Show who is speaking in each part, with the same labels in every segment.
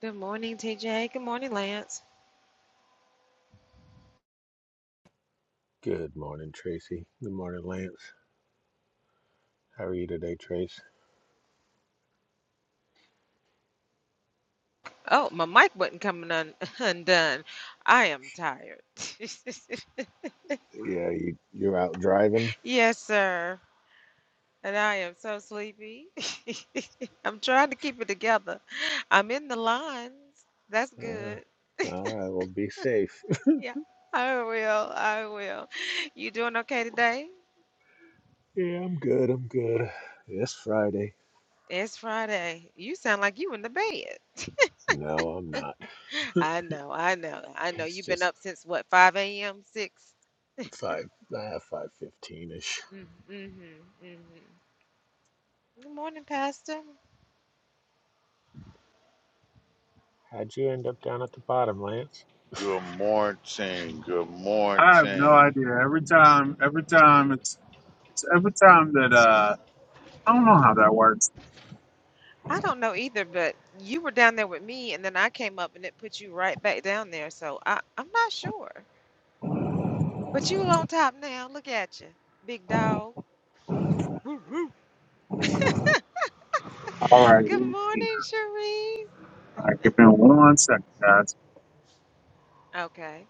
Speaker 1: Good morning, TJ. Good morning, Lance.
Speaker 2: Good morning, Tracy. Good morning, Lance. How are you today, Trace?
Speaker 1: Oh, my mic wasn't coming un- undone. I am tired.
Speaker 2: Yeah, you, you're out driving?
Speaker 1: yes, sir. And I am so sleepy. I'm trying to keep it together. I'm in the lines. That's
Speaker 2: All
Speaker 1: good.
Speaker 2: right. All right, well, be safe.
Speaker 1: Yeah, I will. I will. You doing okay today?
Speaker 2: yeah, I'm good. I'm good. It's Friday.
Speaker 1: It's Friday. You sound like you in the bed.
Speaker 2: No, I'm not.
Speaker 1: I know. I know. I know.
Speaker 2: It's
Speaker 1: You've been
Speaker 2: just
Speaker 1: up since what, 5 a.m., 6?
Speaker 2: 5, uh, 5.15ish.
Speaker 1: Mm-hmm. Mm-hmm. mm-hmm. Good morning, Pastor.
Speaker 2: How'd you end up down at the bottom, Lance?
Speaker 3: Good morning, good
Speaker 4: I have no
Speaker 3: morning,
Speaker 4: idea. Every time, every time it's, it's every time that, uh, I don't know how that works.
Speaker 1: I don't know either, but you were down there with me, and then I came up and it put you right back down there. So I, I'm not sure. But you on top now. Look at you, big dog. Woo woo.
Speaker 4: All right. All
Speaker 1: Good
Speaker 4: right
Speaker 1: morning, Cherise.
Speaker 4: give me one second, guys.
Speaker 1: Okay.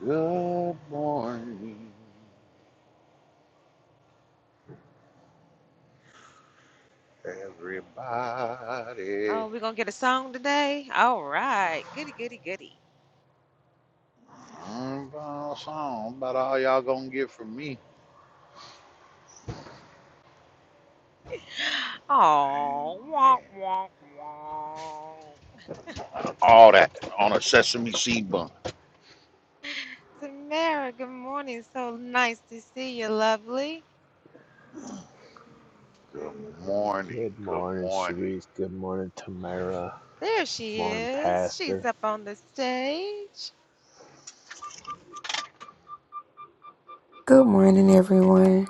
Speaker 3: good morning, everybody.
Speaker 1: Oh, we're gonna get a song today. All right. Goody, goody, goody.
Speaker 3: I'm a song about all y'all gonna get from me.
Speaker 1: Oh, wonk,
Speaker 3: Amen.
Speaker 1: wonk, wonk.
Speaker 3: All that on a sesame seed bun.
Speaker 1: Tamara, good morning. So nice to see you, lovely.
Speaker 3: Good morning,
Speaker 2: Good
Speaker 3: good
Speaker 2: morning,
Speaker 3: morning,
Speaker 2: Sharice. Good morning, Tamara.
Speaker 1: There she
Speaker 2: Morning,
Speaker 1: is. She's
Speaker 2: Pastor.
Speaker 1: up on the stage.
Speaker 5: Good morning, everyone.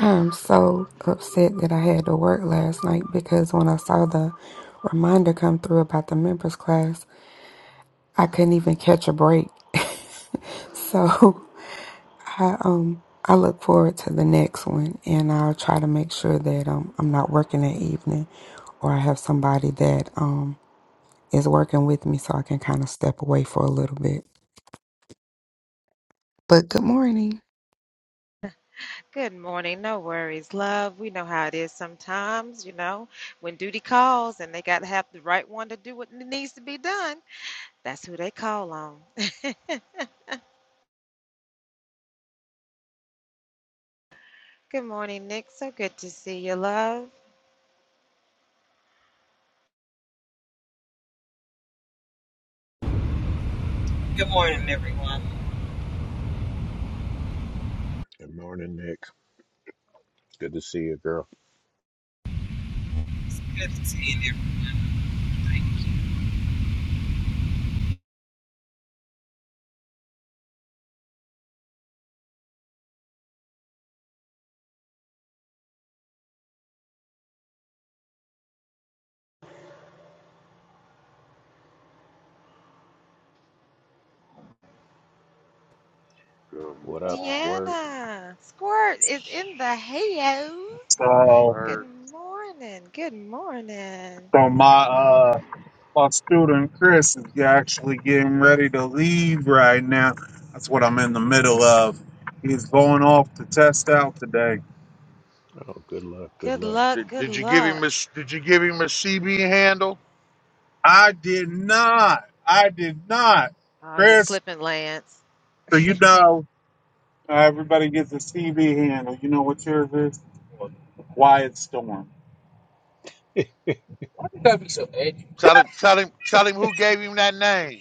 Speaker 5: I'm so upset that I had to work last night because when I saw the reminder come through about the members class, I couldn't even catch a break. so I um I look forward to the next one, and I'll try to make sure that um I'm not working that evening, or I have somebody that um is working with me so I can kind of step away for a little bit. But good morning.
Speaker 1: Good morning. No worries, love. We know how it is sometimes, you know, when duty calls and they got to have the right one to do what needs to be done. That's who they call on. Good morning, Nick. So good to see you, love.
Speaker 6: Good morning, everyone.
Speaker 2: Good morning, Nick. Good to see you, girl.
Speaker 6: It's good to see everybody.
Speaker 3: good
Speaker 2: What up,
Speaker 3: morning.
Speaker 2: Squirt?
Speaker 1: Deanna, Squirt is in the house.
Speaker 4: So,
Speaker 1: Good
Speaker 3: Word.
Speaker 1: morning. Good morning.
Speaker 4: so my,
Speaker 3: Mm.
Speaker 4: uh, my student Chris is actually getting ready to leave right now. That's what I'm in the middle of. He's going off to test out today.
Speaker 2: Oh, good luck. Good
Speaker 1: Good
Speaker 2: luck.
Speaker 1: luck.
Speaker 3: Did,
Speaker 1: Good
Speaker 3: did you give him
Speaker 1: luck.
Speaker 3: a Did you give him a CB handle?
Speaker 4: I did not. I did not.
Speaker 1: Oh, you're
Speaker 4: Chris,
Speaker 1: slipping, Lance.
Speaker 4: so you know. Uh, everybody gets a CB handle. You know what yours is? Wyatt Storm.
Speaker 3: Tell him, tell him, tell him who gave him that name.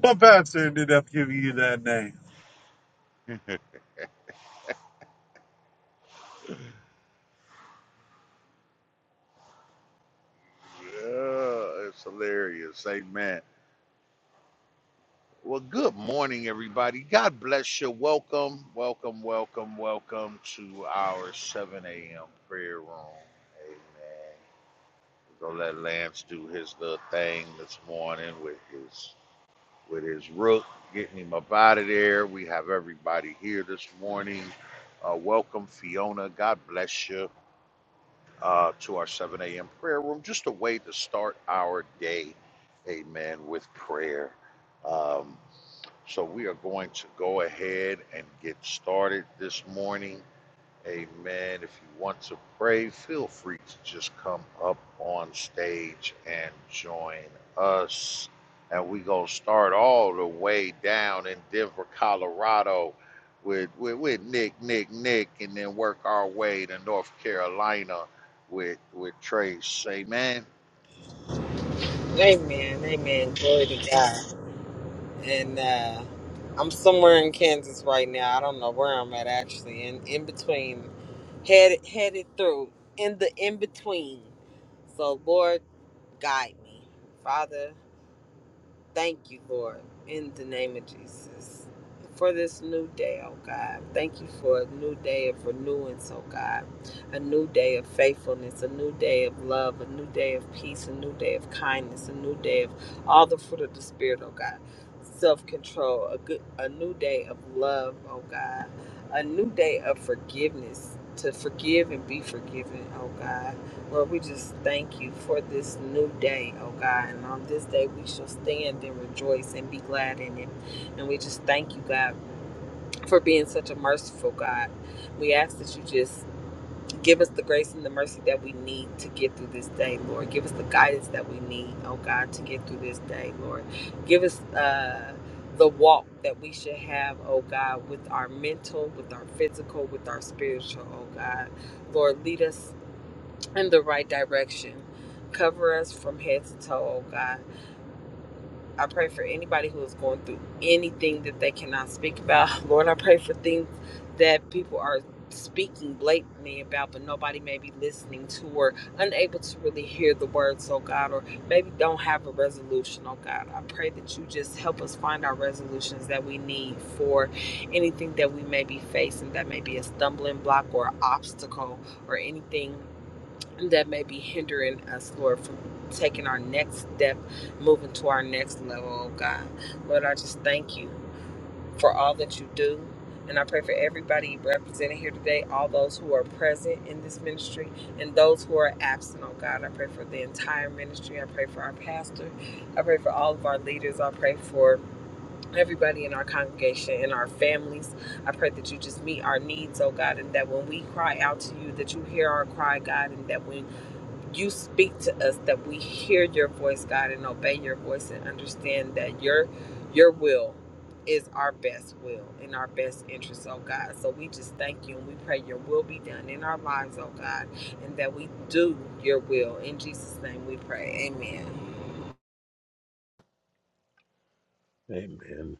Speaker 4: What pastor ended up giving you that name?
Speaker 3: Yeah, it's hilarious. Amen. Well, good morning, everybody. God bless you. Welcome, welcome, welcome, welcome to our 7 a.m. prayer room. Amen. We're gonna let Lance do his little thing this morning with his with his rook, getting him up out of there. We have everybody here this morning. Uh, welcome, Fiona. God bless you. uh, to our 7 a.m. prayer room, just a way to start our day, amen, with prayer. Um, so we are going to go ahead and get started this morning. Amen. If you want to pray, feel free to just come up on stage and join us. And we gonna start all the way down in Denver, Colorado, with with, with Nick, Nick, Nick, and then work our way to North Carolina with with Trace. Amen.
Speaker 6: Amen. Amen. Glory to God. And uh, I'm somewhere in Kansas right now. I don't know where I'm at actually. In in between, headed headed through in the in between. So Lord, guide me, Father. Thank you, Lord, in the name of Jesus, for this new day, oh God. Thank you for a new day of renewance, oh God. A new day of faithfulness, a new day of love, a new day of peace, a new day of kindness, a new day of all the fruit of the Spirit, oh God. Self control, a good, a new day of love, oh God. A new day of forgiveness, to forgive and be forgiven, oh God Lord, we just thank you for this new day, oh God. And on this day, we shall stand and rejoice and be glad in it. And we just thank you, God, for being such a merciful God. We ask that you just give us the grace and the mercy that we need to get through this day, Lord. Give us the guidance that we need, oh God, to get through this day, Lord. Give us, uh, the walk that we should have, oh God, with our mental, with our physical, with our spiritual, oh God. Lord, lead us in the right direction. Cover us from head to toe, oh God. I pray for anybody who is going through anything that they cannot speak about. Lord, I pray for things that people are speaking blatantly about, but nobody may be listening to or unable to really hear the words, oh God, or maybe don't have a resolution, oh God. I pray that you just help us find our resolutions that we need for anything that we may be facing that may be a stumbling block or obstacle or anything that may be hindering us, Lord, from taking our next step, moving to our next level, oh God. Lord, I just thank you for all that you do. And I pray for everybody represented here today, all those who are present in this ministry and those who are absent, oh God. I pray for the entire ministry. I pray for our pastor. I pray for all of our leaders. I pray for everybody in our congregation and our families. I pray that you just meet our needs, oh God, and that when we cry out to you, that you hear our cry, God, and that when you speak to us that we hear your voice god and obey your voice and understand that your your will is our best will in our best interest oh god so we just thank you and we pray your will be done in our lives oh god and that we do your will in jesus name we pray amen
Speaker 2: Amen.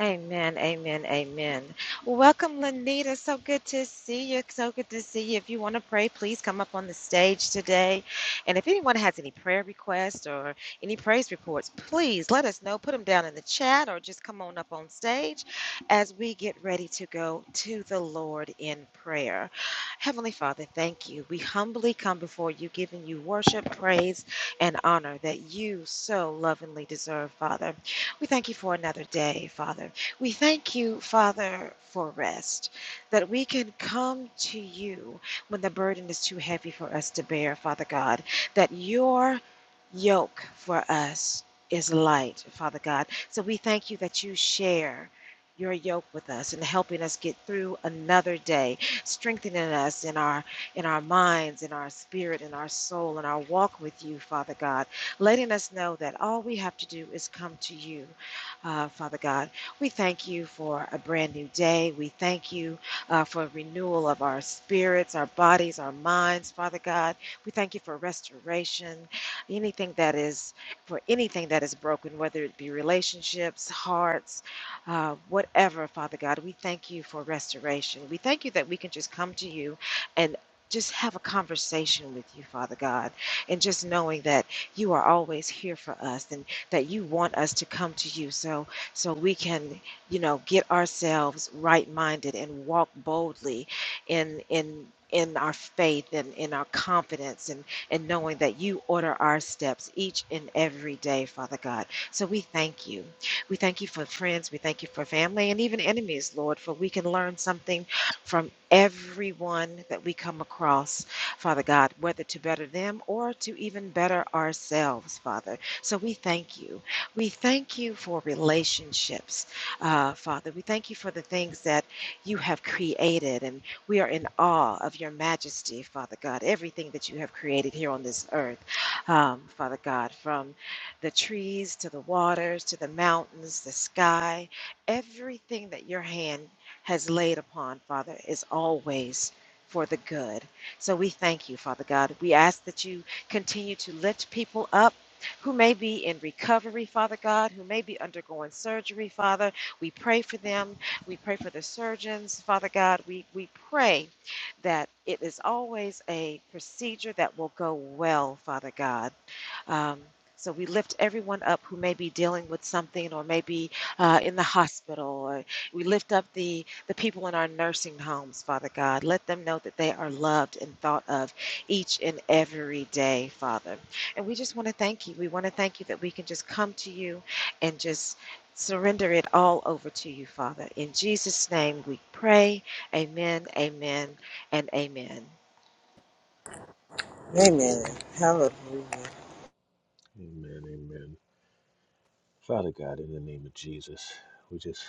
Speaker 1: Amen, amen, amen. Well, Welcome, Lanita. So good to see you. So good to see you. If you want to pray, please come up on the stage today. And if anyone has any prayer requests or any praise reports, please let us know. Put them down in the chat or just come on up on stage as we get ready to go to the Lord in prayer. Heavenly Father, thank you. We humbly come before you, giving you worship, praise, and honor that you so lovingly deserve, Father. We thank you for another day, Father. We thank you, Father, for rest, that we can come to you when the burden is too heavy for us to bear, Father God, that your yoke for us is light, Father God. So we thank you that you share. Your yoke with us and helping us get through another day, strengthening us in our in our minds, in our spirit, in our soul, in our walk with you, Father God letting us know that all we have to do is come to you, uh, Father God. We thank you for a brand new day. We thank you uh, for renewal of our spirits, our bodies, our minds, Father God. We thank you for restoration, anything that is for anything that is broken, whether it be relationships, hearts, uh, whatever, Father God. We thank you for restoration. We thank you that we can just come to you and just have a conversation with you, Father God, and just knowing that you are always here for us and that you want us to come to you so so we can you know get ourselves right minded and walk boldly in in in our faith and in our confidence and and knowing that you order our steps each and every day father god so we thank you we thank you for friends we thank you for family and even enemies lord for we can learn something from everyone that we come across Father God, whether to better them or to even better ourselves, Father. So we thank you. We thank you for relationships, uh, Father. We thank you for the things that you have created, and we are in awe of your majesty, Father God, everything that you have created here on this earth, um, Father God, from the trees to the waters to the mountains, the sky, everything that your hand has laid upon, Father, is always for the good. So we thank you, Father God. We ask that you continue to lift people up who may be in recovery, Father God, who may be undergoing surgery, Father. We pray for them. We pray for the surgeons, Father God. We, we pray that it is always a procedure that will go well, Father God. Um, so we lift everyone up who may be dealing with something or maybe uh, in the hospital. Or we lift up the, the people in our nursing homes, Father God. Let them know that they are loved and thought of each and every day, Father. And we just want to thank you. We want to thank you that we can just come to you and just surrender it all over to you, Father. In Jesus' name we pray. Amen, amen, and amen.
Speaker 6: Amen.
Speaker 2: Amen.
Speaker 6: Hallelujah.
Speaker 2: Amen, amen. Father God, in the name of Jesus, we just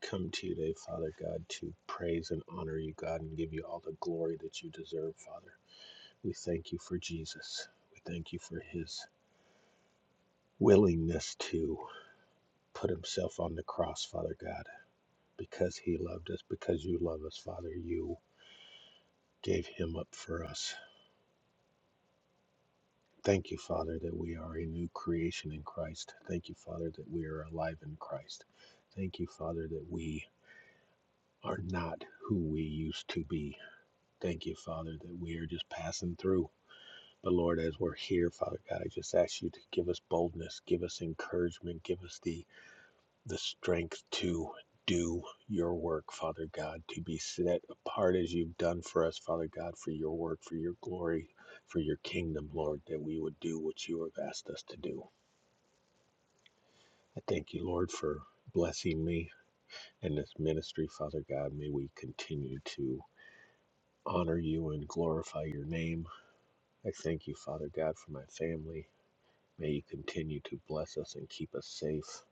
Speaker 2: come to you today, Father God, to praise and honor you, God, and give you all the glory that you deserve, Father. We thank you for Jesus. We thank you for his willingness to put himself on the cross, Father God, because he loved us, because you love us, Father. You gave him up for us. Thank you, Father, that we are a new creation in Christ. Thank you, Father, that we are alive in Christ. Thank you, Father, that we are not who we used to be. Thank you, Father, that we are just passing through. But Lord, as we're here, Father God, I just ask you to give us boldness, give us encouragement, give us the the strength to do your work, Father God, to be set apart as you've done for us, Father God, for your work, for your glory, for your kingdom, Lord, that we would do what you have asked us to do. I thank you, Lord, for blessing me and this ministry, Father God. May we continue to honor you and glorify your name. I thank you, Father God, for my family. May you continue to bless us and keep us safe.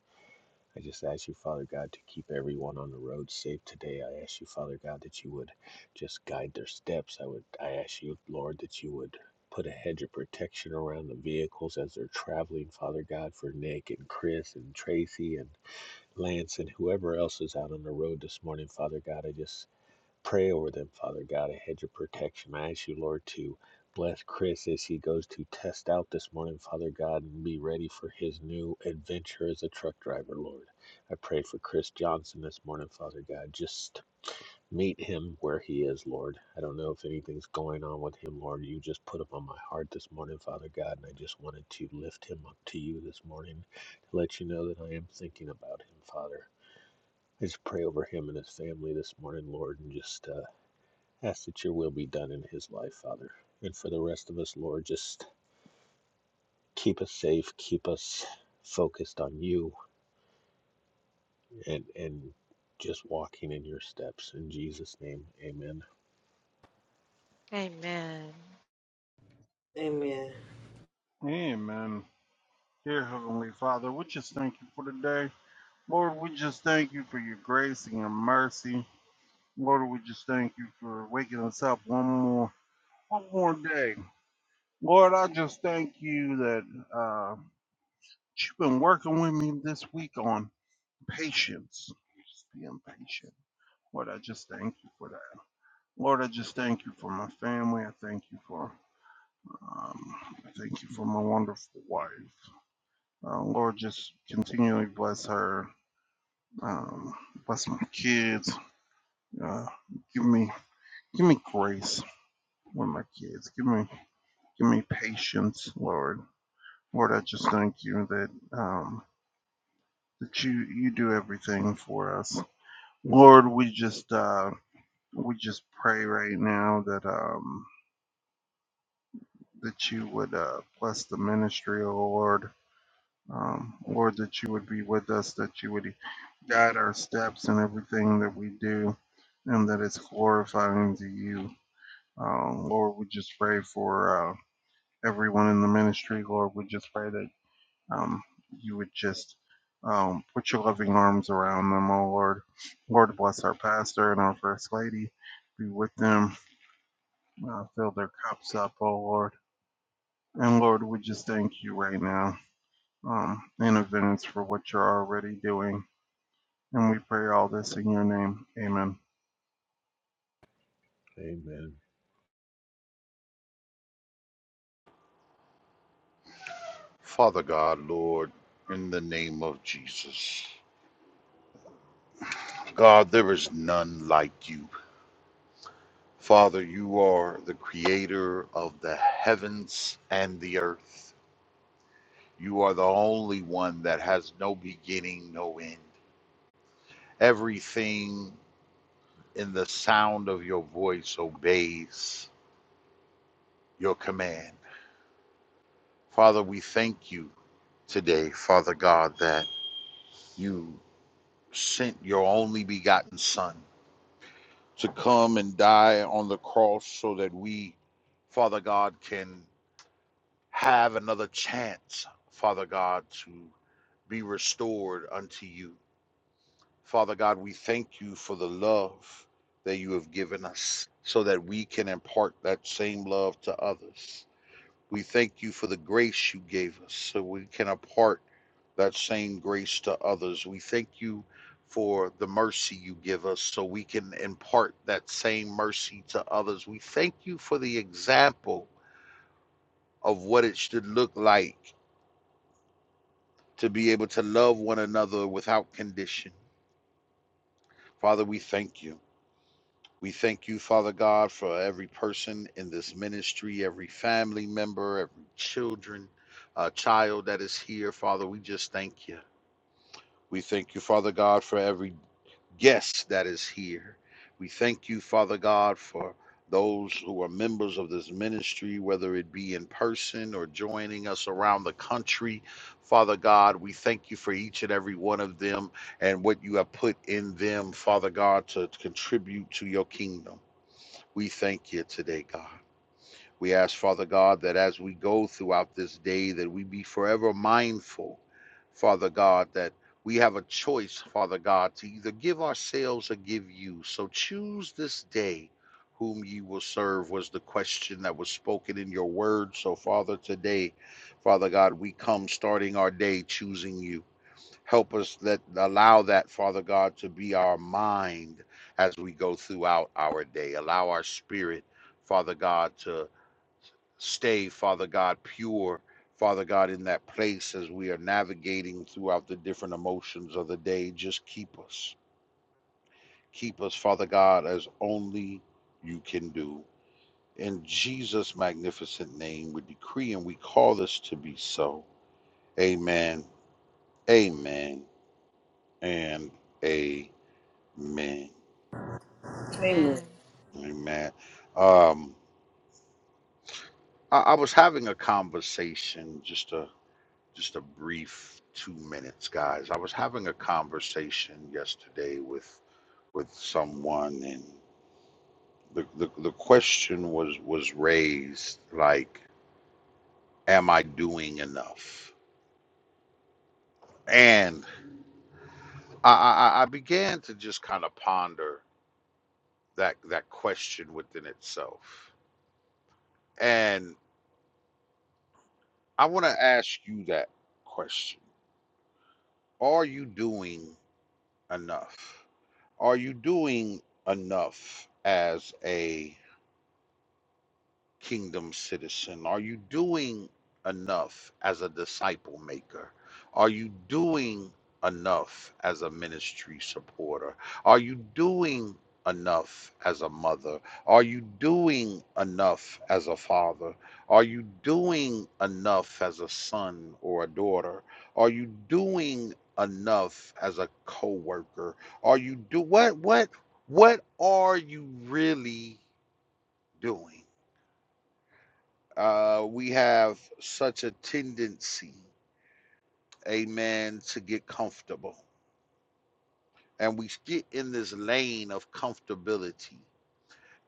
Speaker 2: I just ask you, Father God, to keep everyone on the road safe today. I ask you, Father God, that you would just guide their steps. I would I ask you, Lord, that you would put a hedge of protection around the vehicles as they're traveling, Father God, for Nick and Chris and Tracy and Lance and whoever else is out on the road this morning, Father God. I just Pray over them, Father God, a hedge of protection. I ask you, Lord, to bless Chris as he goes to test out this morning, Father God, and be ready for his new adventure as a truck driver, Lord. I pray for Chris Johnson this morning, Father God. Just meet him where he is, Lord. I don't know if anything's going on with him, Lord. You just put him on my heart this morning, Father God, and I just wanted to lift him up to you this morning to let you know that I am thinking about him, Father. I just pray over him and his family this morning, Lord, and just uh, Ask that your will be done in his life, Father. And for the rest of us, Lord, just keep us safe, keep us focused on you and and just walking in your steps. In Jesus' name, amen.
Speaker 1: Amen.
Speaker 6: amen
Speaker 2: Amen.
Speaker 3: Father God, Lord, in the name of Jesus, God, there is none like you. Father, you are the creator of the heavens and the earth. You are the only one that has no beginning, no end. Everything in the sound of your voice obeys your command. Father, we thank you today, Father God, that you sent your only begotten Son to come and die on the cross so that we, Father God, can have another chance, Father God, to be restored unto you. Father God, we thank you for the love that you have given us so that we can impart that same love to others. We thank you for the grace you gave us so we can impart that same grace to others. We thank you for the mercy you give us so we can impart that same mercy to others. We thank you for the example of what it should look like to be able to love one another without condition. Father, we thank you. We thank you, Father God, for every person in this ministry, every family member, every children, uh, child that is here. Father, we just thank you. We thank you, Father God, for every guest that is here. We thank you, Father God, for those who are members of this ministry, whether it be in person or joining us around the country. Father God, we thank you for each and every one of them and what you have put in them, Father God, to contribute to your kingdom. We thank you today, God. We ask, Father God, that as we go throughout this day, that we be forever mindful, Father God, that we have a choice, Father God, to either give ourselves or give you. So choose this day whom ye will serve, was the question that was spoken in your word. So, Father, today, Father God, we come starting our day choosing you. Help us that allow that, Father God, to be our mind as we go throughout our day. Allow our spirit, Father God, to stay, Father God, pure, Father God, in that place as we are navigating throughout the different emotions of the day. Just keep us. Keep us, Father God, as only you can do. In Jesus' magnificent name, we decree and we call this to be so. Amen. Amen. And amen.
Speaker 6: Amen.
Speaker 1: Amen.
Speaker 3: Amen. Um, I, I was having a conversation just a Just a brief two minutes, guys. I was having a conversation yesterday with with someone, and the the, the question was was raised like, "Am I doing enough?" And I, I I I began to just kind of ponder that that question within itself, and I want to ask you that question: Are you doing enough? Are you doing enough as a kingdom citizen? Are you doing enough as a disciple maker? Are you doing enough as a ministry supporter? Are you doing enough as a mother? Are you doing enough as a father? Are you doing enough as a son or a daughter? Are you doing enough as a coworker? Are you do what what what are you really doing? Uh, we have such a tendency, amen, to get comfortable. And we get in this lane of comfortability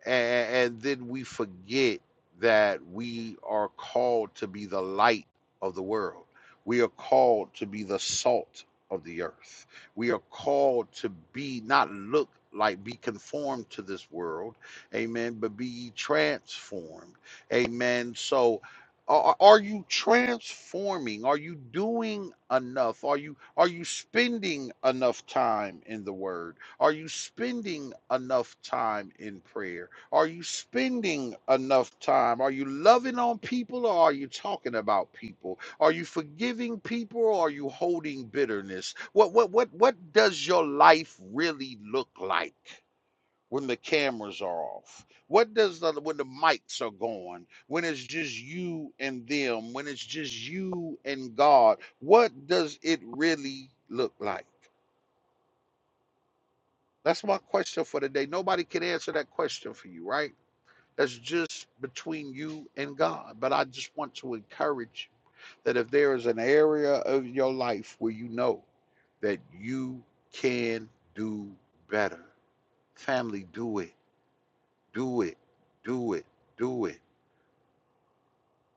Speaker 3: and, and then we forget that we are called to be the light of the world. We are called to be the salt of the earth. We are called to be not look like be conformed to this world, amen, but be transformed, amen. So, are, are you transforming? Are you doing enough? Are you are you spending enough time in the Word? Are you spending enough time in prayer? Are you spending enough time? Are you loving on people or are you talking about people? Are you forgiving people or are you holding bitterness? What what what what does your life really look like when the cameras are off? What does the when the mics are going? When it's just you and them, when it's just you and God, what does it really look like? That's my question for today. Nobody can answer that question for you, right? That's just between you and God. But I just want to encourage that if there is an area of your life where you know that you can do better, family, do it, do it, do it, do it.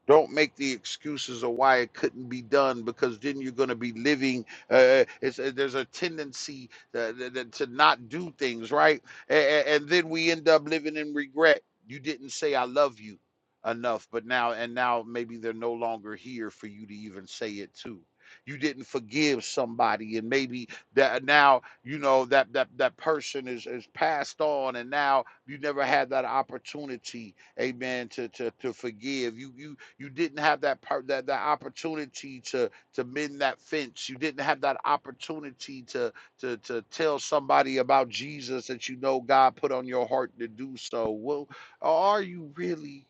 Speaker 3: Don't make the excuses of why it couldn't be done because then you're going to be living. Uh, uh, it's, uh, there's a tendency uh, th- th- to not do things, right? A- a- and then we end up living in regret. You didn't say, I love you enough, but now, and now maybe they're no longer here for you to even say it to. You didn't forgive somebody, and maybe that now you know that that that person is is passed on, and now you never had that opportunity amen to to, to forgive you you you didn't have that per- that that opportunity to to mend that fence. You didn't have that opportunity to to to tell somebody about Jesus that you know God put on your heart to do so. Well, are you really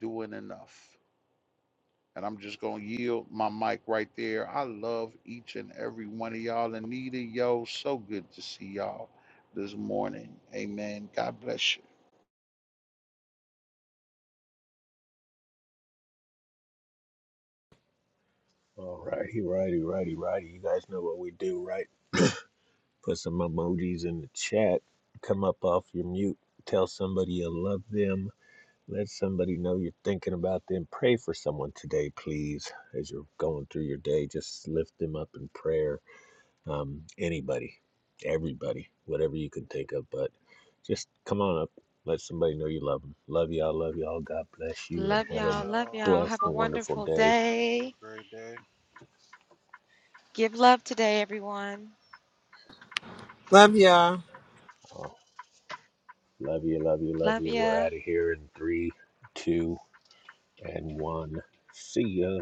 Speaker 3: doing enough? And I'm just gonna yield my mic right there. I love each and every one of y'all. Anita, yo, so good to see y'all this morning. Amen. God bless you.
Speaker 2: All righty, righty, righty, righty. You guys know what we do, right? Put some emojis in the chat. Come up off your mute. Tell somebody you love them. Let somebody know you're thinking about them. Pray for someone today, please, as you're going through your day. Just lift them up in prayer um, anybody, everybody, whatever you can think of. But just come on up, let somebody know you love them. Love y'all, love y'all. God bless you, and
Speaker 1: Love
Speaker 2: have
Speaker 1: y'all.
Speaker 2: a
Speaker 1: Love y'all.
Speaker 2: blessed
Speaker 1: Have a
Speaker 2: and wonderful
Speaker 1: wonderful
Speaker 2: day.
Speaker 1: day. Give love today, everyone.
Speaker 6: Love y'all.
Speaker 2: Oh, love you, love you, love
Speaker 1: Love
Speaker 2: you. We're
Speaker 1: ya.
Speaker 2: out of here in three, two, and one. See ya.